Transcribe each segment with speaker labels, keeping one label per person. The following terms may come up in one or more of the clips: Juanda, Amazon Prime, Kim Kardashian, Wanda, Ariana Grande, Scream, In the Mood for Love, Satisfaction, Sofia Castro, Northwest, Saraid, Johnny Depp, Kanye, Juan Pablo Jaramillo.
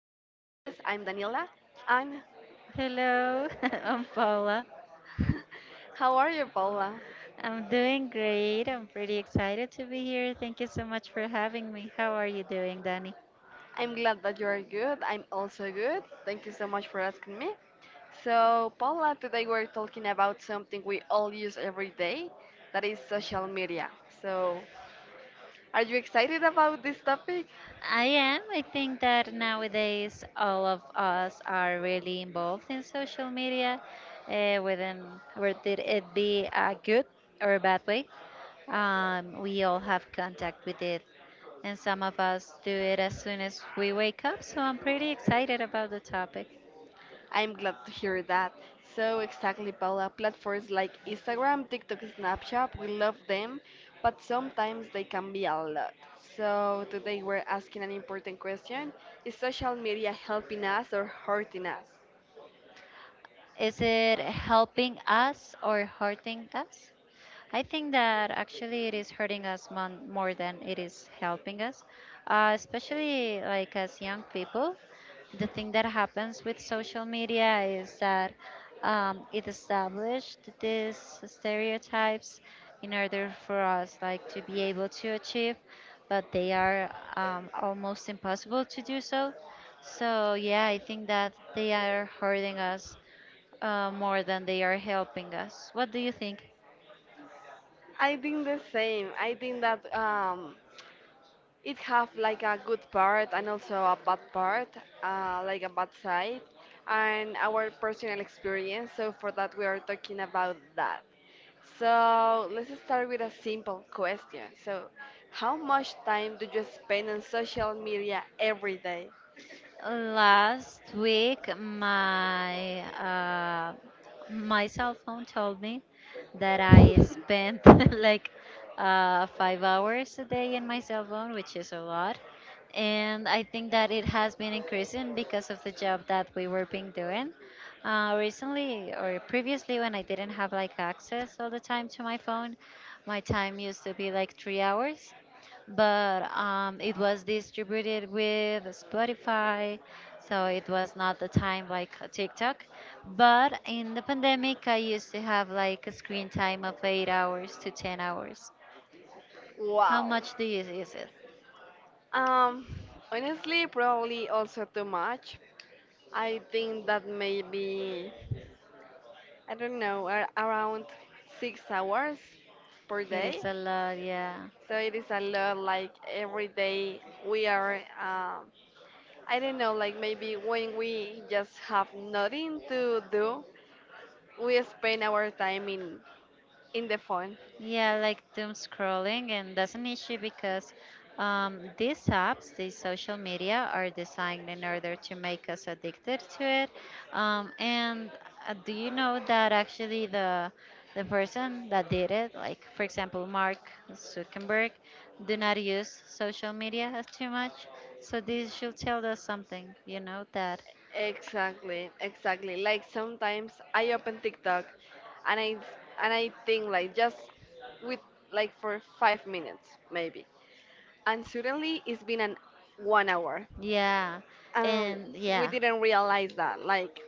Speaker 1: I'm Daniela. I'm
Speaker 2: Hello, I'm Paula.
Speaker 1: How are you, Paula?
Speaker 2: I'm doing great. I'm pretty excited to be here. Thank you so much for having me. How are you doing, Danny?
Speaker 1: I'm glad that you are good. I'm also good. Thank you so much for asking me. So, Paula, today we're talking about something we all use every day, that is social media. So, are you excited about this topic?
Speaker 2: I am. I think that nowadays all of us are really involved in social media, within whether it be a good or a bad way. We all have contact with it, and some of us do it as soon as we wake up. So I'm pretty excited about the topic.
Speaker 1: I'm glad to hear that. So exactly, Paula, platforms like Instagram, TikTok, Snapchat, we love them, but sometimes they can be a lot. So today we're asking an important question. Is social media helping us or hurting us?
Speaker 2: Is it helping us or hurting us? I think that actually it is hurting us more than it is helping us, especially like as young people. The thing that happens with social media is that it established these stereotypes in order for us like to be able to achieve, but they are almost impossible to do so. So yeah, I think that they are hurting us more than they are helping us. What do you think?
Speaker 1: I think the same. I think that it have like a good part and also a bad part, like a bad side, and our personal experience. So for that, we are talking about that. So let's start with a simple question. So, how much time do you spend on social media every day?
Speaker 2: Last week, my my cell phone told me that I spent like 5 hours a day in my cell phone, which is a lot. And I think that it has been increasing because of the job that we were being doing. Recently or previously, when I didn't have like access all the time to my phone, my time used to be like 3 hours but it was distributed with Spotify, so it was not the time like TikTok. But in the pandemic, I used to have like a screen time of 8 hours to 10 hours. How
Speaker 1: Wow.
Speaker 2: much do you use it?
Speaker 1: Um, honestly, probably also too much. I think that maybe, I don't know, around 6 hours per
Speaker 2: It
Speaker 1: day.
Speaker 2: is a lot, yeah.
Speaker 1: So it is a lot, like every day we are, um, I don't know, like maybe when we just have nothing to do, we spend our time in the phone.
Speaker 2: Yeah, like doom scrolling, and that's an issue because these apps, these social media, are designed in order to make us addicted to it. And do you know that actually the person that did it, like for example Mark Zuckerberg, do not use social media as too much. So this should tell us something, you know that.
Speaker 1: Exactly, exactly. Like sometimes I open TikTok and I and I think like just with like for 5 minutes maybe. And suddenly it's been an one hour.
Speaker 2: Yeah,
Speaker 1: And
Speaker 2: and
Speaker 1: we
Speaker 2: yeah.
Speaker 1: didn't realize that. Like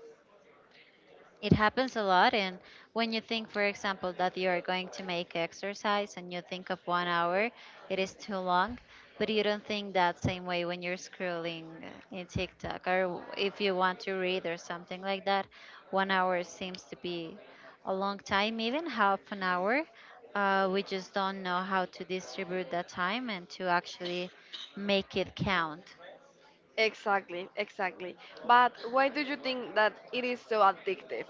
Speaker 2: It happens a lot. And when you think, for example, that you are going to make exercise and you think of one hour, it is too long. But you don't think that same way when you're scrolling in TikTok or if you want to read or something like that. One hour seems to be a long time, even half an hour. We just don't know how to distribute that time and to actually make it count.
Speaker 1: exactly, exactly. But why do you think that it is so addictive?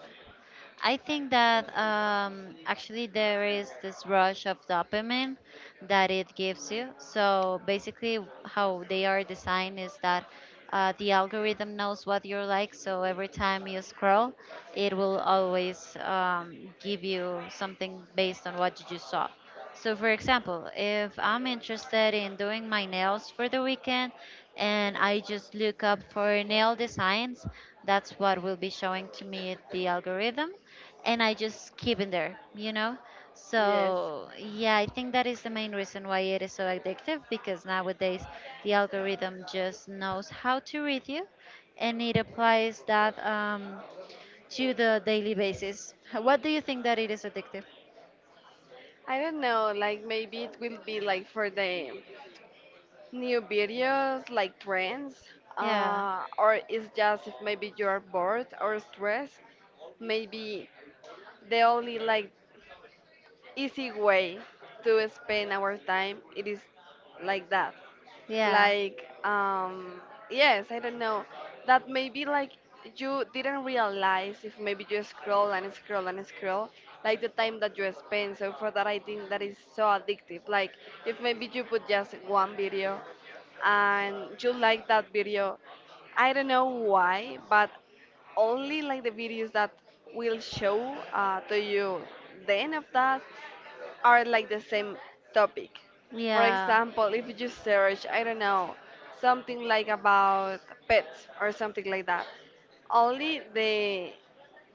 Speaker 2: I think that actually there is this rush of dopamine that it gives you. So basically, how they are designed is that the algorithm knows what you like. So every time you scroll, it will always give you something based on what you just saw. So, for example, if I'm interested in doing my nails for the weekend and I just look up for nail designs, that's what will be showing to me the algorithm and I just keep in there, you know?
Speaker 1: Yes.
Speaker 2: So, yeah, I think that is the main reason why it is so addictive because nowadays the algorithm just knows how to read you and it applies that to the daily basis. What do you think that it is addictive?
Speaker 1: I don't know, like maybe it will be like for the new videos, like trends,
Speaker 2: Yeah,
Speaker 1: or it's just if maybe you're bored or stressed, maybe the only like easy way to spend our time it is like that,
Speaker 2: yeah,
Speaker 1: like yes, I don't know, that maybe like you didn't realize if maybe you scroll and scroll and scroll, like the time that you spend. So for that I think that is so addictive, like if maybe you put just one video and you like that video, I don't know why, but only like the videos that will show to you the end of that are like the same topic. For
Speaker 2: yeah,
Speaker 1: example, if you search, I don't know, something like about pets or something like that, only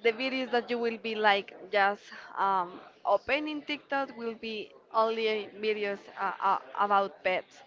Speaker 1: the videos that you will be like just opening TikTok will be only videos about pets.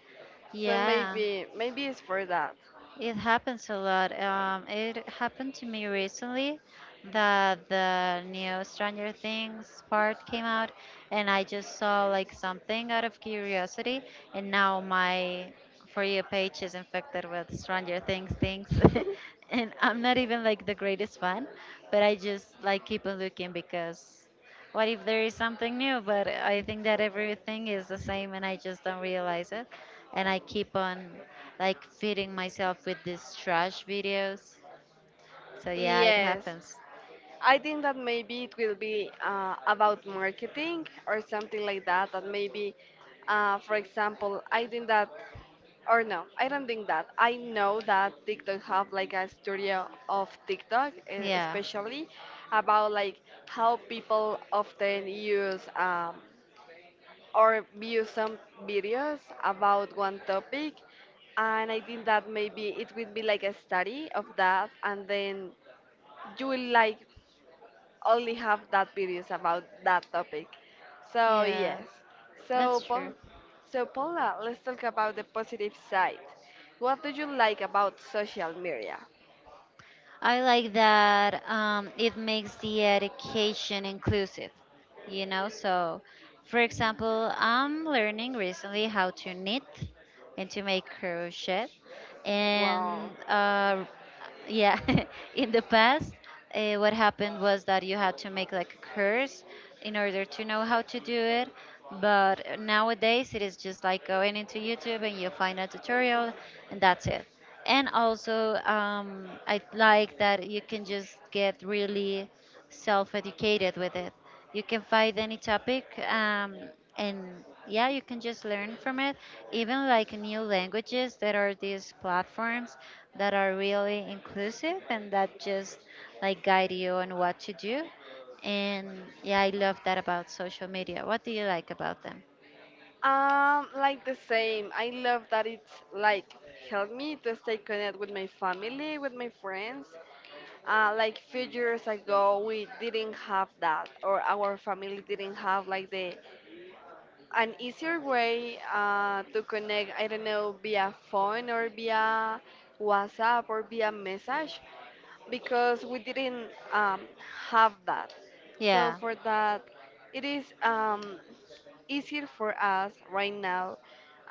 Speaker 1: So
Speaker 2: yeah.
Speaker 1: maybe maybe it's for that.
Speaker 2: It happens a lot. It happened to me recently that the new Stranger Things part came out, and I just saw like something out of curiosity, and now my For You page is infected with Stranger Things things, and I'm not even like the greatest fan, but I just like keep on looking because what if there is something new? But I think that everything is the same, and I just don't realize it, and I keep on like feeding myself with these trash videos. So yeah, it
Speaker 1: Yes,
Speaker 2: happens.
Speaker 1: I think that maybe it will be about marketing or something like that. That maybe, for example, I think that, or no, I don't think that. I know that TikTok have like a studio of TikTok, eh,
Speaker 2: Yeah,
Speaker 1: especially about like how people often use or view some videos about one topic, and I think that maybe it will be like a study of that, and then you will like only have that videos about that topic. So
Speaker 2: yeah,
Speaker 1: yes.
Speaker 2: that's
Speaker 1: So
Speaker 2: true.
Speaker 1: Paul, so Paula, let's talk about the positive side. What do you like about social media?
Speaker 2: I like that it makes the education inclusive, you know. So, for example, I'm learning recently how to knit and to make crochet.
Speaker 1: Wow.
Speaker 2: And yeah in the past what happened was that you had to make like a course in order to know how to do it but nowadays it is just like going into youtube and you find a tutorial and that's it and also I like that you can just get really self-educated with it you can find any topic, and yeah, you can just learn from it. Even like new languages, there are these platforms that are really inclusive and that just like guide you on what to do. And yeah, I love that about social media. What do you like about them?
Speaker 1: Like the same. I love that it's like helped me to stay connected with my family, with my friends. Like few years ago, we didn't have that, or our family didn't have like the an easier way to connect, I don't know, via phone or via WhatsApp or via message because we didn't have that. So,
Speaker 2: Yeah,
Speaker 1: for that, it is easier for us right now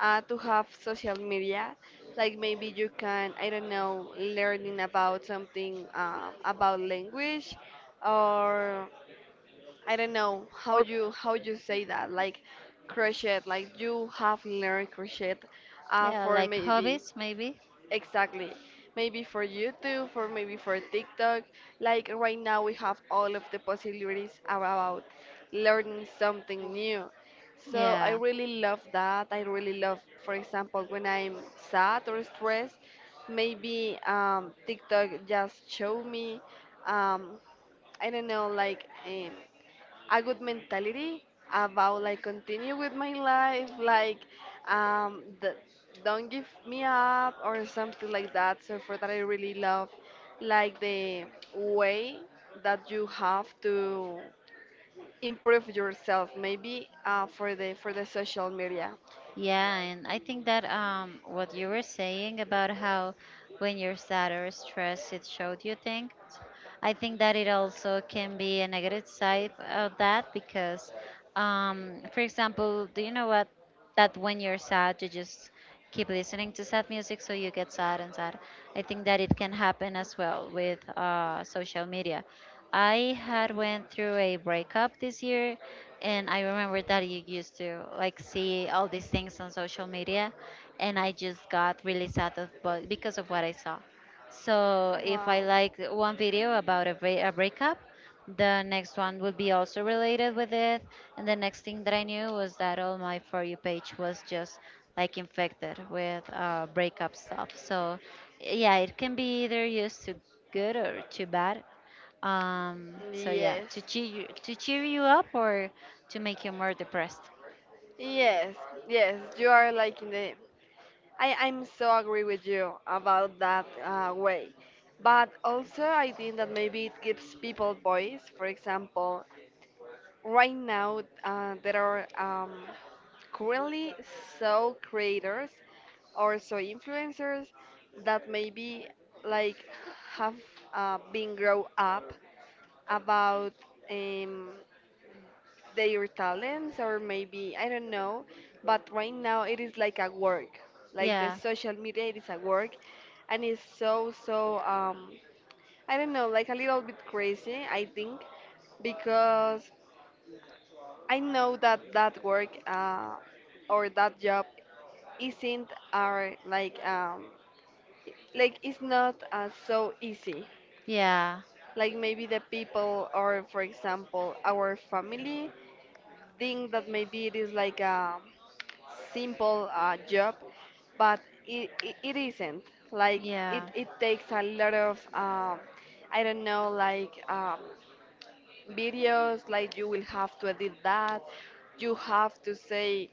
Speaker 1: to have social media. Like maybe you can, I don't know, learning about something about language or I don't know how you say that, like crochet, like you have learned crochet
Speaker 2: yeah,
Speaker 1: for
Speaker 2: like
Speaker 1: maybe
Speaker 2: hobbies maybe.
Speaker 1: exactly, maybe for YouTube, for maybe for TikTok, like right now we have all of the possibilities about learning something new. So I
Speaker 2: Yeah.
Speaker 1: really love that. I really love, for example, when I'm sad or stressed, maybe TikTok just show me um, I don't know, like a good mentality about like continue with my life, like um the, don't give me up or something like that. So for that I really love like the way that you have to improve yourself maybe for the social media.
Speaker 2: Yeah, and I think that what you were saying about how when you're sad or stressed, it showed you things. I think that it also can be a negative side of that because, for example, do you know what? That when you're sad, you just keep listening to sad music, so you get sad and sad. I think that it can happen as well with social media. I had went through a breakup this year, and I remember that you used to like see all these things on social media, and I just got really sad of, but because of what I saw. So if
Speaker 1: Wow.
Speaker 2: I like one video about a breakup, the next one would be also related with it, and the next thing that I knew was that all my for you page was just like infected with breakup stuff. So yeah, it can be either used to good or too bad so yeah,
Speaker 1: Yes,
Speaker 2: to to cheer you up or to make you more depressed.
Speaker 1: yes, yes. You are like in the. I'm so agree with you about that way, but also I think that maybe it gives people voice. For example, right now there are currently so creators or so influencers that maybe like have been grow up about um, their talents or maybe I don't know, but right now it is like a work, like the
Speaker 2: Yeah,
Speaker 1: social media it is a work, and it's so so I don't know, like a little bit crazy I think because I know that that work or that job isn't our like it's not so easy.
Speaker 2: yeah,
Speaker 1: Like maybe the people or for example our family think that maybe it is like a simple job, but it isn't. Like
Speaker 2: yeah,
Speaker 1: it takes a lot of I don't know like videos. Like you will have to edit that. You have to say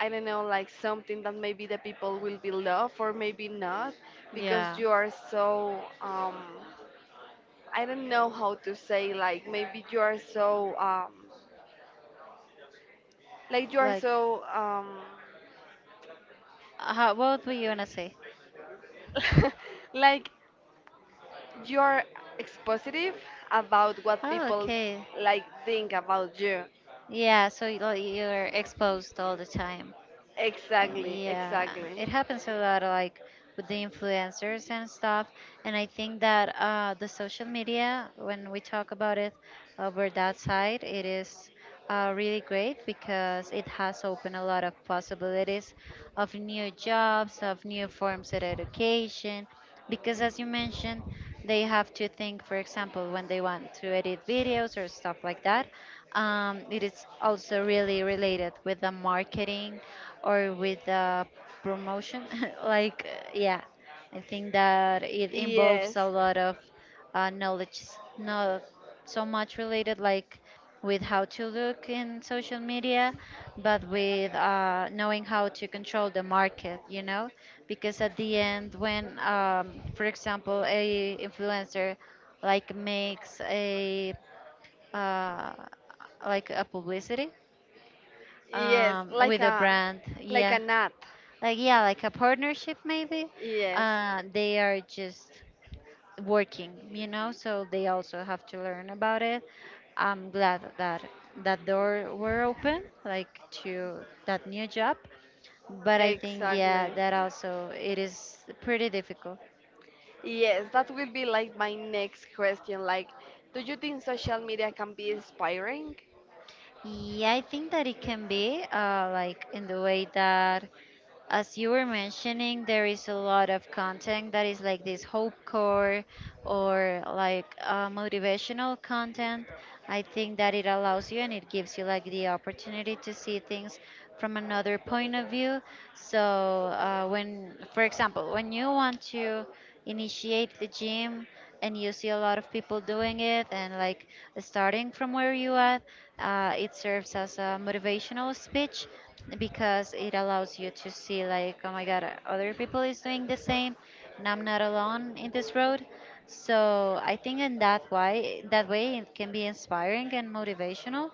Speaker 1: I don't know, like something that maybe the people will be love or maybe not, because
Speaker 2: yeah.
Speaker 1: you are so I don't know how to say, like maybe you are so like you are
Speaker 2: Like,
Speaker 1: so
Speaker 2: how, what were you gonna say?
Speaker 1: like you are expositive about what
Speaker 2: Oh,
Speaker 1: people
Speaker 2: okay.
Speaker 1: like think about you.
Speaker 2: Yeah, so like, you're exposed all the time.
Speaker 1: Exactly,
Speaker 2: Yeah,
Speaker 1: exactly.
Speaker 2: it happens a lot, like with the influencers and stuff. And I think that the social media, when we talk about it over that side, it is really great because it has opened a lot of possibilities of new jobs, of new forms of education, because as you mentioned they have to think for example when they want to edit videos or stuff like that it is also really related with the marketing or with the promotion like yeah I think that it involves
Speaker 1: Yes,
Speaker 2: a lot of knowledge not so much related like with how to look in social media, but with knowing how to control the market, you know, because at the end, when, for example, a influencer like makes a uh, like a publicity
Speaker 1: yes,
Speaker 2: with a brand,
Speaker 1: like a nut.
Speaker 2: yeah, like a partnership maybe,
Speaker 1: Yes,
Speaker 2: they are just working, you know, so they also have to learn about it. I'm glad that that door were open, like to that new job. But I think, yeah,
Speaker 1: exactly.
Speaker 2: that also it is pretty difficult.
Speaker 1: Yes, that will be like my next question. Like, do you think social media can be inspiring?
Speaker 2: Yeah, I think that it can be like in the way that as you were mentioning, there is a lot of content that is like this hope core or like motivational content. I think that it allows you and it gives you like the opportunity to see things from another point of view. So, for example, when you want to initiate the gym and you see a lot of people doing it and like starting from where you at, it serves as a motivational speech because it allows you to see like, oh my God, other people is doing the same, and I'm not alone in this road. So I think in that way, that way it can be inspiring and motivational.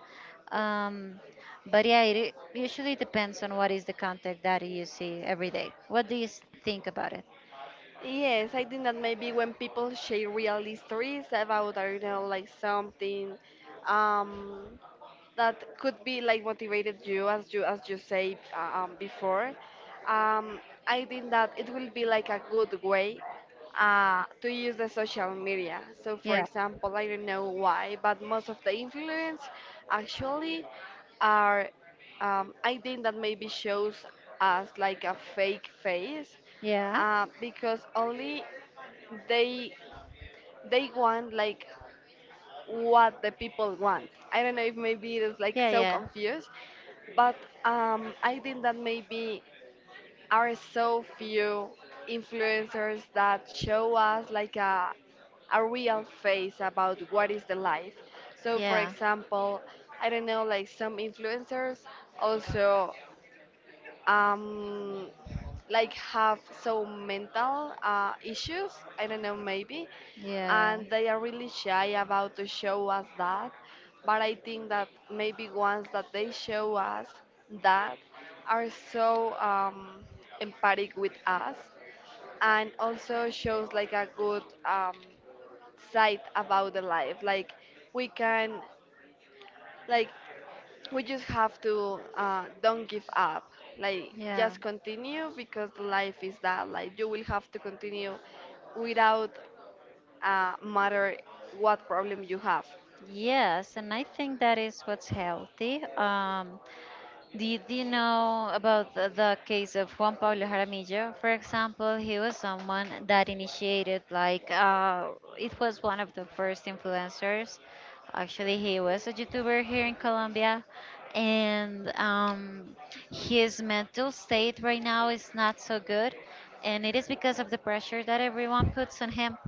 Speaker 2: Um, but yeah, it usually depends on what is the content that you see every day. What do you think about it?
Speaker 1: Yes, I think that maybe when people share real stories about, I don't know, like something, um, that could be like motivated you as you as you say before, um, I think that it will be like a good way to use the social media. So for
Speaker 2: Yeah.
Speaker 1: example, I don't know why, but most of the influence actually are I think that maybe shows us like a fake face
Speaker 2: Yeah.
Speaker 1: because only they they want like what the people want. I don't know if maybe it is like
Speaker 2: Yeah.
Speaker 1: so
Speaker 2: Yeah.
Speaker 1: confused, but I think that maybe are so few influencers that show us like a real face about what is the life. So for
Speaker 2: Yeah.
Speaker 1: example, I don't know, like some influencers also um, like have so mental issues. I don't know, maybe,
Speaker 2: Yeah.
Speaker 1: and they are really shy about to show us that. But I think that maybe once that they show us that, are so empathic with us, and also shows like a good side about the life. Like we can like we just have to don't give up, like
Speaker 2: Yeah.
Speaker 1: just continue because the life is that, like you will have to continue without matter what problem you have.
Speaker 2: Yes, and I think that is what's healthy. Did you know about the case of Juan Pablo Jaramillo? For example, he was someone that initiated, like, it was one of the first influencers. Actually, he was a YouTuber here in Colombia, and his mental state right now is not so good, and it is because of the pressure that everyone puts on him.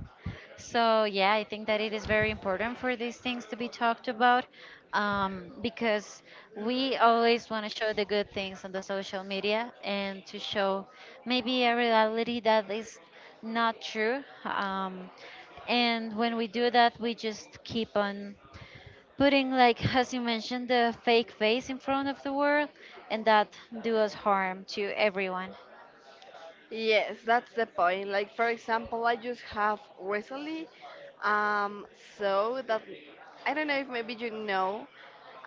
Speaker 2: So, yeah, I think that it is very important for these things to be talked about because we always want to show the good things on the social media and to show maybe a reality that is not true. And when we do that, we just keep on putting, like, as you mentioned, the fake face in front of the world, and that do us harm to everyone.
Speaker 1: Yes, that's the point. Like for example, I just have recently um so that I don't know if maybe you know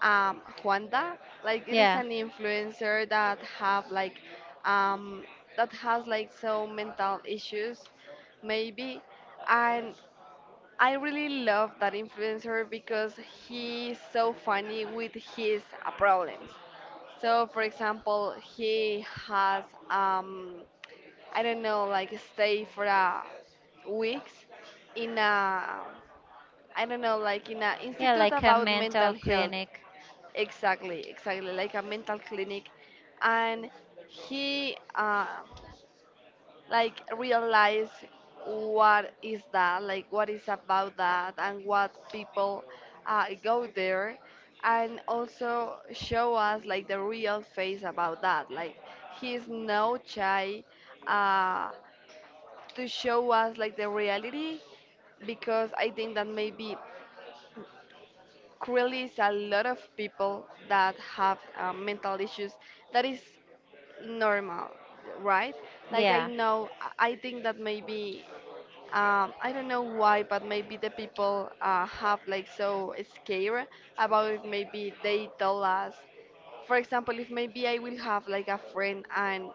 Speaker 1: Juanda. Like it is
Speaker 2: Yeah,
Speaker 1: an influencer that have like um that has like so mental issues maybe, and I really love that influencer because he's so funny with his problems. So, for example, he has I don't know, like stay for a weeks in a I don't know, like in a
Speaker 2: yeah,
Speaker 1: institute
Speaker 2: like a
Speaker 1: about
Speaker 2: mental
Speaker 1: mental health.
Speaker 2: clinic.
Speaker 1: Exactly, exactly, like a mental clinic, and he like realized what is that, like what is about that, and what people go there, and also show us like the real face about that. Like he's no shy. Uh, to show us like the reality because I think that maybe currently is a lot of people that have mental issues that is normal, right? Like I
Speaker 2: Yeah.
Speaker 1: know, I think that maybe I don't know why, but maybe the people have like so scared about it. Maybe they tell us, for example, if maybe I will have like a friend and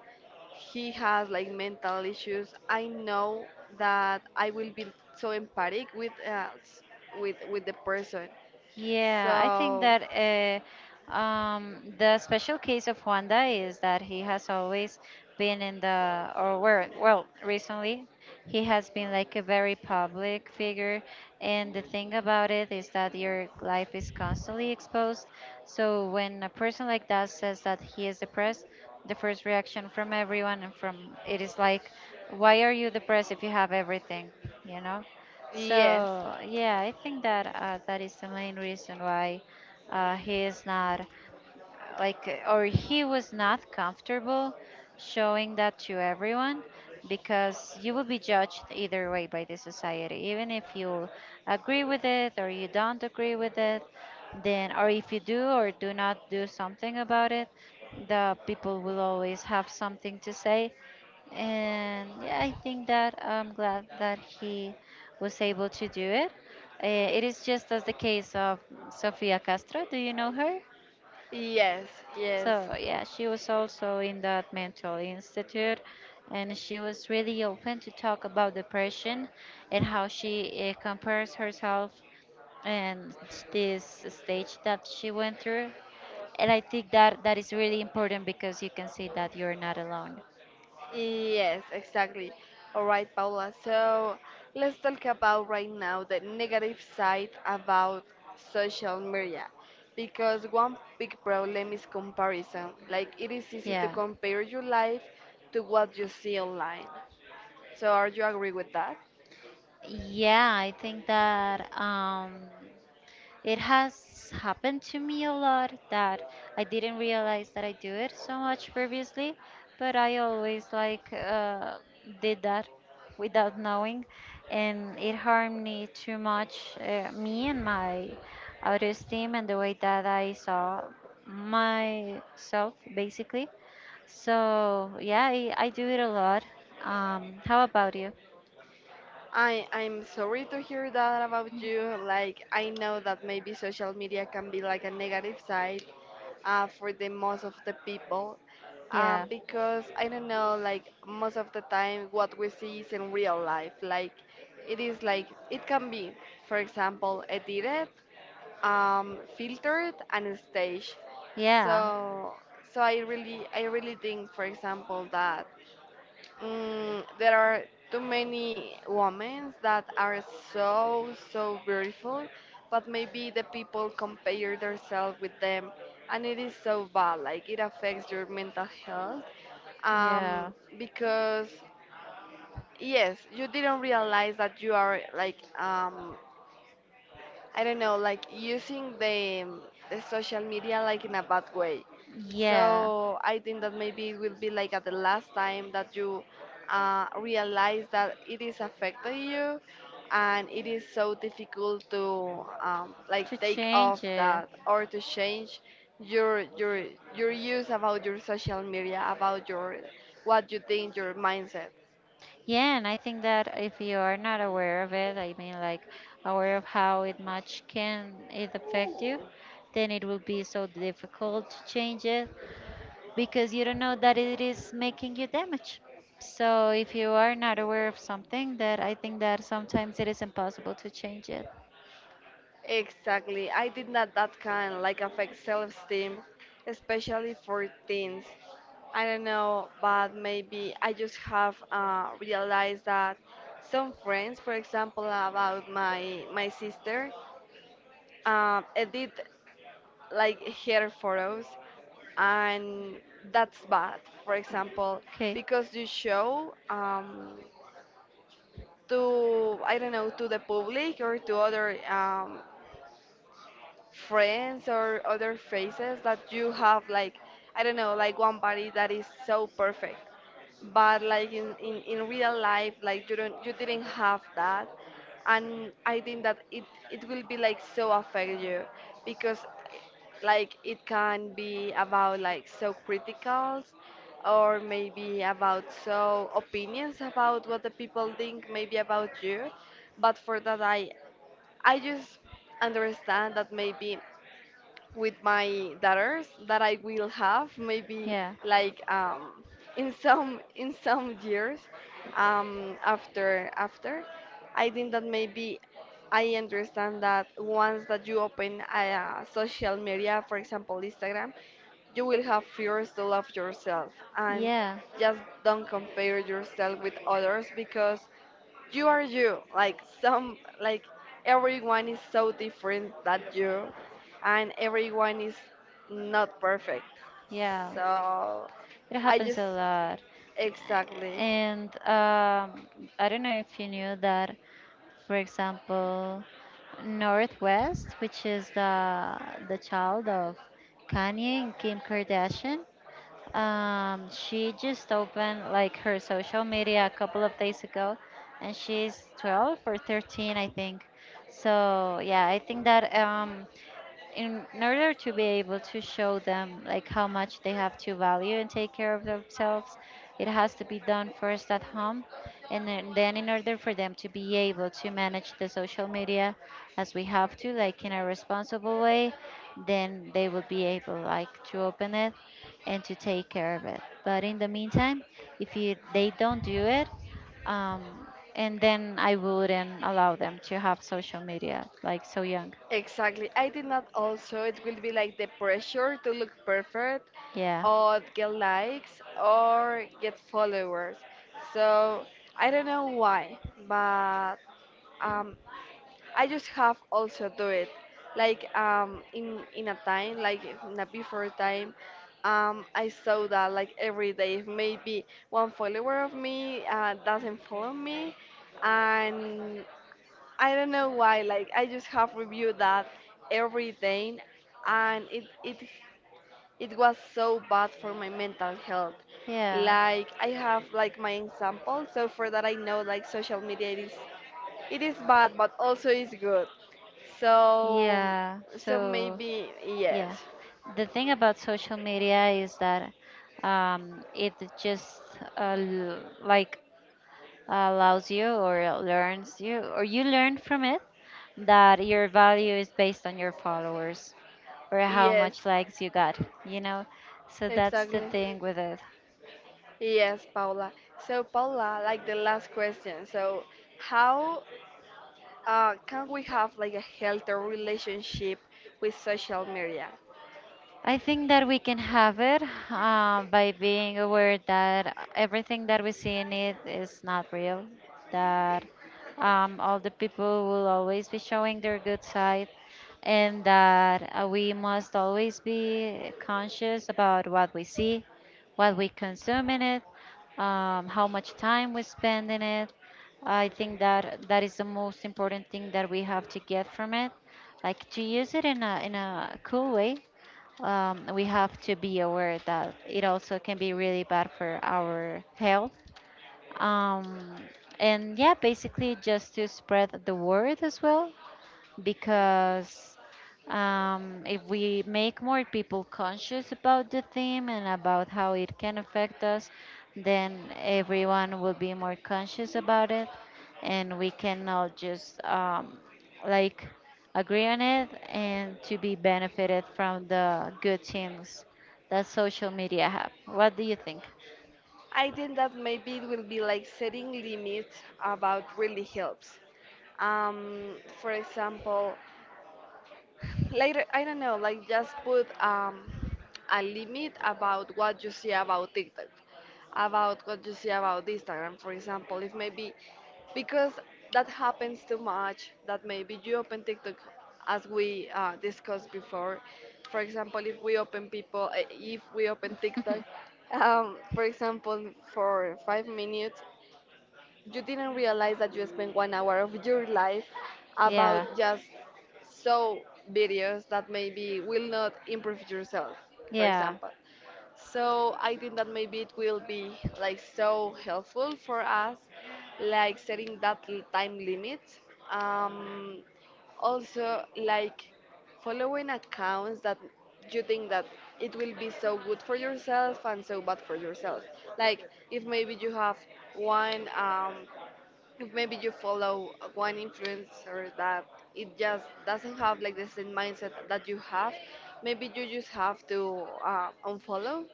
Speaker 1: he has like mental issues, I know that I will be so empathic with with the person.
Speaker 2: Yeah, I think
Speaker 1: So
Speaker 2: that the special case of Wanda is that he has always been in the, or where, well, recently, he has been like a very public figure. And the thing about it is that your life is constantly exposed. So when a person like that says that he is depressed, the first reaction from everyone and from it is like, why are you depressed if you have everything? You know?
Speaker 1: yes,
Speaker 2: So yeah, I think that that is the main reason why he is not like or he was not comfortable showing that to everyone because you will be judged either way by the society, even if you agree with it or you don't agree with it, then, or if you do or do not do something about it, the people will always have something to say. And yeah, I think that I'm glad that he was able to do it. Uh, it is just as the case of Sofia Castro. Do you know her?
Speaker 1: yes, yes.
Speaker 2: So, yeah, she was also in that mental institute and she was really open to talk about depression and how she compares herself and this stage that she went through. And I think that that is really important because you can see that you're not alone.
Speaker 1: Yes, exactly. All right, Paula. So let's talk about right now the negative side about social media. Because one big problem is comparison. Like it is easy to
Speaker 2: Yeah.
Speaker 1: compare your life to what you see online. So are you agree with that?
Speaker 2: Yeah, I think that it has happened to me a lot that I didn't realize that I do it so much previously, but I always like, did that without knowing, and it harmed me too much, me and my autoesteem and the way that I saw myself basically. So yeah, I do it a lot. How about you?
Speaker 1: I'm sorry to hear that about you. Like I know that maybe social media can be like a negative side for the most of the people,
Speaker 2: Yeah,
Speaker 1: because I don't know, like most of the time what we see is in real life. Like it is like it can be, for example, edited, filtered, and staged.
Speaker 2: yeah,
Speaker 1: So so I really think, for example, that. Mm, there are too many women that are so so beautiful, but maybe the people compare themselves with them, and it is so bad. Like it affects your mental health, um,
Speaker 2: yeah,
Speaker 1: because yes, you didn't realize that you are I don't know, like using the social media like in a bad way.
Speaker 2: yeah.
Speaker 1: So I think that maybe it will be like at the last time that you realize that it is affecting you, and it is so difficult to like
Speaker 2: To
Speaker 1: take off
Speaker 2: change it.
Speaker 1: that or to change your your use about your social media about your what you think your mindset.
Speaker 2: Yeah, and I think that if you are not aware of it, I mean, like aware of how it much can it affect you, then it will be so difficult to change it because you don't know that it is making you damage. So if you are not aware of something, that I think that sometimes it is impossible to change it.
Speaker 1: Exactly. I did not that kind like affect self-esteem, especially for teens. I don't know, but maybe I just have realized that some friends, for example, about my sister, edit like her photos, and that's bad. For example,
Speaker 2: Okay.
Speaker 1: because you show to I don't know to the public or to other friends or other faces that you have like I don't know like one body that is so perfect, but like in real life like you don't you didn't have that. And I think that it will be like so affect you because like it can be about like so criticals or maybe about so opinions about what the people think maybe about you. But for that I just understand that maybe with my daughters that I will have maybe
Speaker 2: Yeah.
Speaker 1: like um, in some years after I think that maybe I understand that once that you open a, social media, for example Instagram, you will have fears to love yourself, and
Speaker 2: Yeah.
Speaker 1: just don't compare yourself with others because you are you like some like everyone is so different that you, and everyone is not perfect.
Speaker 2: Yeah.
Speaker 1: So
Speaker 2: It
Speaker 1: I
Speaker 2: happens
Speaker 1: just
Speaker 2: a lot.
Speaker 1: exactly.
Speaker 2: And I don't know if you knew that. For example, Northwest, which is the child of Kanye and Kim Kardashian. She just opened like her social media a couple of days ago, and she's 12 or 13, I think. So yeah, I think that in order to be able to show them like how much they have to value and take care of themselves, it has to be done first at home, and then in order for them to be able to manage the social media as we have to, like in a responsible way, then they will be able like to open it and to take care of it. But in the meantime, if you, they don't do it, um, and then I wouldn't allow them to have social media like so young.
Speaker 1: Exactly, I did not also it will be like the pressure to look perfect
Speaker 2: Yeah.
Speaker 1: or get likes or get followers. So I don't know why, but um, I just have also do it like in a time like in a before time. I saw that like every day maybe one follower of me doesn't follow me. And I don't know why, like I just have reviewed that every day, and it was so bad for my mental health.
Speaker 2: Yeah.
Speaker 1: Like I have like my example, so for that I know like social media, it is bad, but also it's good. So
Speaker 2: Yeah.
Speaker 1: so
Speaker 2: So,
Speaker 1: maybe
Speaker 2: yeah.
Speaker 1: yes.
Speaker 2: The thing about social media is that it just like allows you or learns you, or you learn from it that your value is based on your followers or how
Speaker 1: Yes,
Speaker 2: much likes you got, you know? So that's the
Speaker 1: exactly.
Speaker 2: thing with it.
Speaker 1: Yes, Paula. So Paula, like the last question, so how can we have like a healthy relationship with social media?
Speaker 2: I think that we can have it by being aware that everything that we see in it is not real, that all the people will always be showing their good side, and that we must always be conscious about what we see, what we consume in it, how much time we spend in it. I think that that is the most important thing that we have to get from it, like to use it in a cool way. We have to be aware that it also can be really bad for our health. Um, and yeah, basically just to spread the word as well because if we make more people conscious about the theme and about how it can affect us, then everyone will be more conscious about it, and we can all just like agree on it and to be benefited from the good things that social media have. What do you think?
Speaker 1: I think that maybe it will be like setting limits about really helps. For example, later, I don't know, like just put a limit about what you see about TikTok, about what you see about Instagram, for example. If maybe, because that happens too much, that maybe you open TikTok as we discussed before. For example, if we open people, eh, if we open TikTok, for example, for 5 minutes you didn't realize that you spent one hour of your life about
Speaker 2: Yeah,
Speaker 1: just so videos that maybe will not improve yourself, for
Speaker 2: yeah,
Speaker 1: example. So I think that maybe it will be like so helpful for us, like setting that time limit. Um, also, like following accounts that you think that it will be so good for yourself and so bad for yourself, like if maybe you have one if maybe you follow one influencer that it just doesn't have like the same mindset that you have, maybe you just have to unfollow,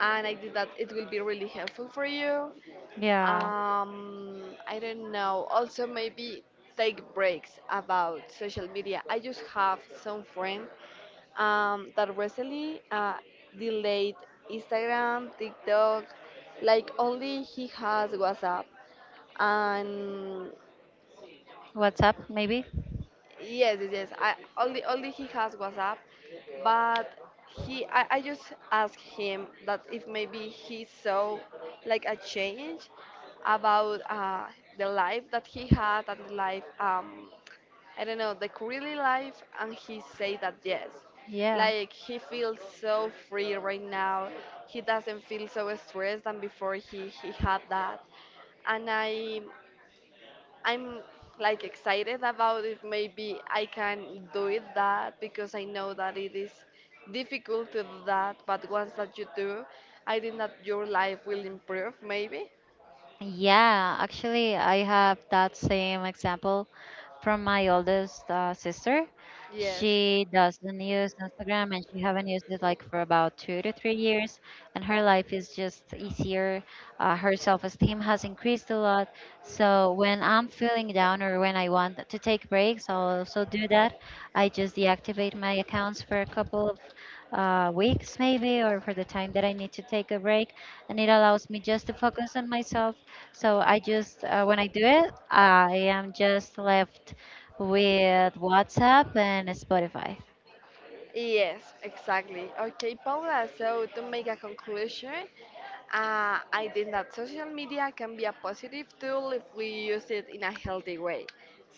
Speaker 1: and I think that it will be really helpful for you.
Speaker 2: yeah.
Speaker 1: I don't know. Also, maybe take breaks about social media. I just have some friend that recently delayed Instagram, TikTok, like only he has WhatsApp and.
Speaker 2: WhatsApp maybe?
Speaker 1: Yes, yes, yes. I only he has WhatsApp, but he I just asked him that if maybe he saw like a change about the life that he had and the life I don't know the currently life, and he said that yes.
Speaker 2: Yeah.
Speaker 1: Like he feels so free right now. He doesn't feel so stressed than before he had that. And I'm like excited about if maybe I can do it that, because I know that it is difficult to do that, but once that you do, I think that your life will improve maybe.
Speaker 2: Yeah, actually, I have that same example from my oldest sister.
Speaker 1: Yes.
Speaker 2: She doesn't use Instagram and she haven't used it like for about 2 to 3 years, and her life is just easier. Her self-esteem has increased a lot. So when I'm feeling down or when I want to take breaks, I'll also do that. I just deactivate my accounts for a couple of weeks maybe, or for the time that I need to take a break, and it allows me just to focus on myself, so I just, when I do it, I am just left with WhatsApp and Spotify.
Speaker 1: Yes, exactly. Okay, Paula, so to make a conclusion, I think that social media can be a positive tool if we use it in a healthy way.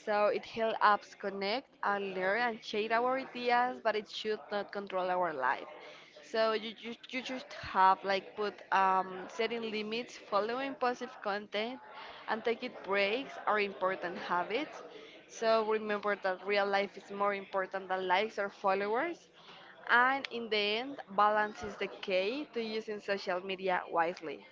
Speaker 1: So it helps us connect and learn and share our ideas, but it should not control our life. So you just have like put setting limits, following positive content, and taking breaks are important habits. So remember that real life is more important than likes or followers. And in the end, balance is the key to using social media wisely.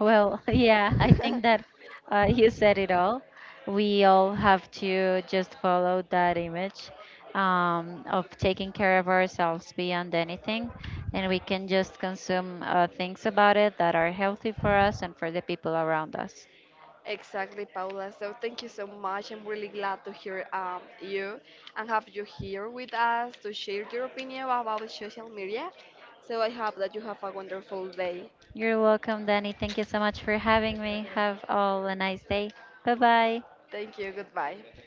Speaker 2: Well, yeah, I think that you said it all. We all have to just follow that image of taking care of ourselves beyond anything. And we can just consume things about it that are healthy for us and for the people around us.
Speaker 1: Exactly, Paula. So thank you so much. I'm really glad to hear you and have you here with us to share your opinion about social media. So I hope that you have a wonderful day.
Speaker 2: You're welcome, Danny. Thank you so much for having me. Have all a nice day. Bye bye.
Speaker 1: Thank you. Goodbye.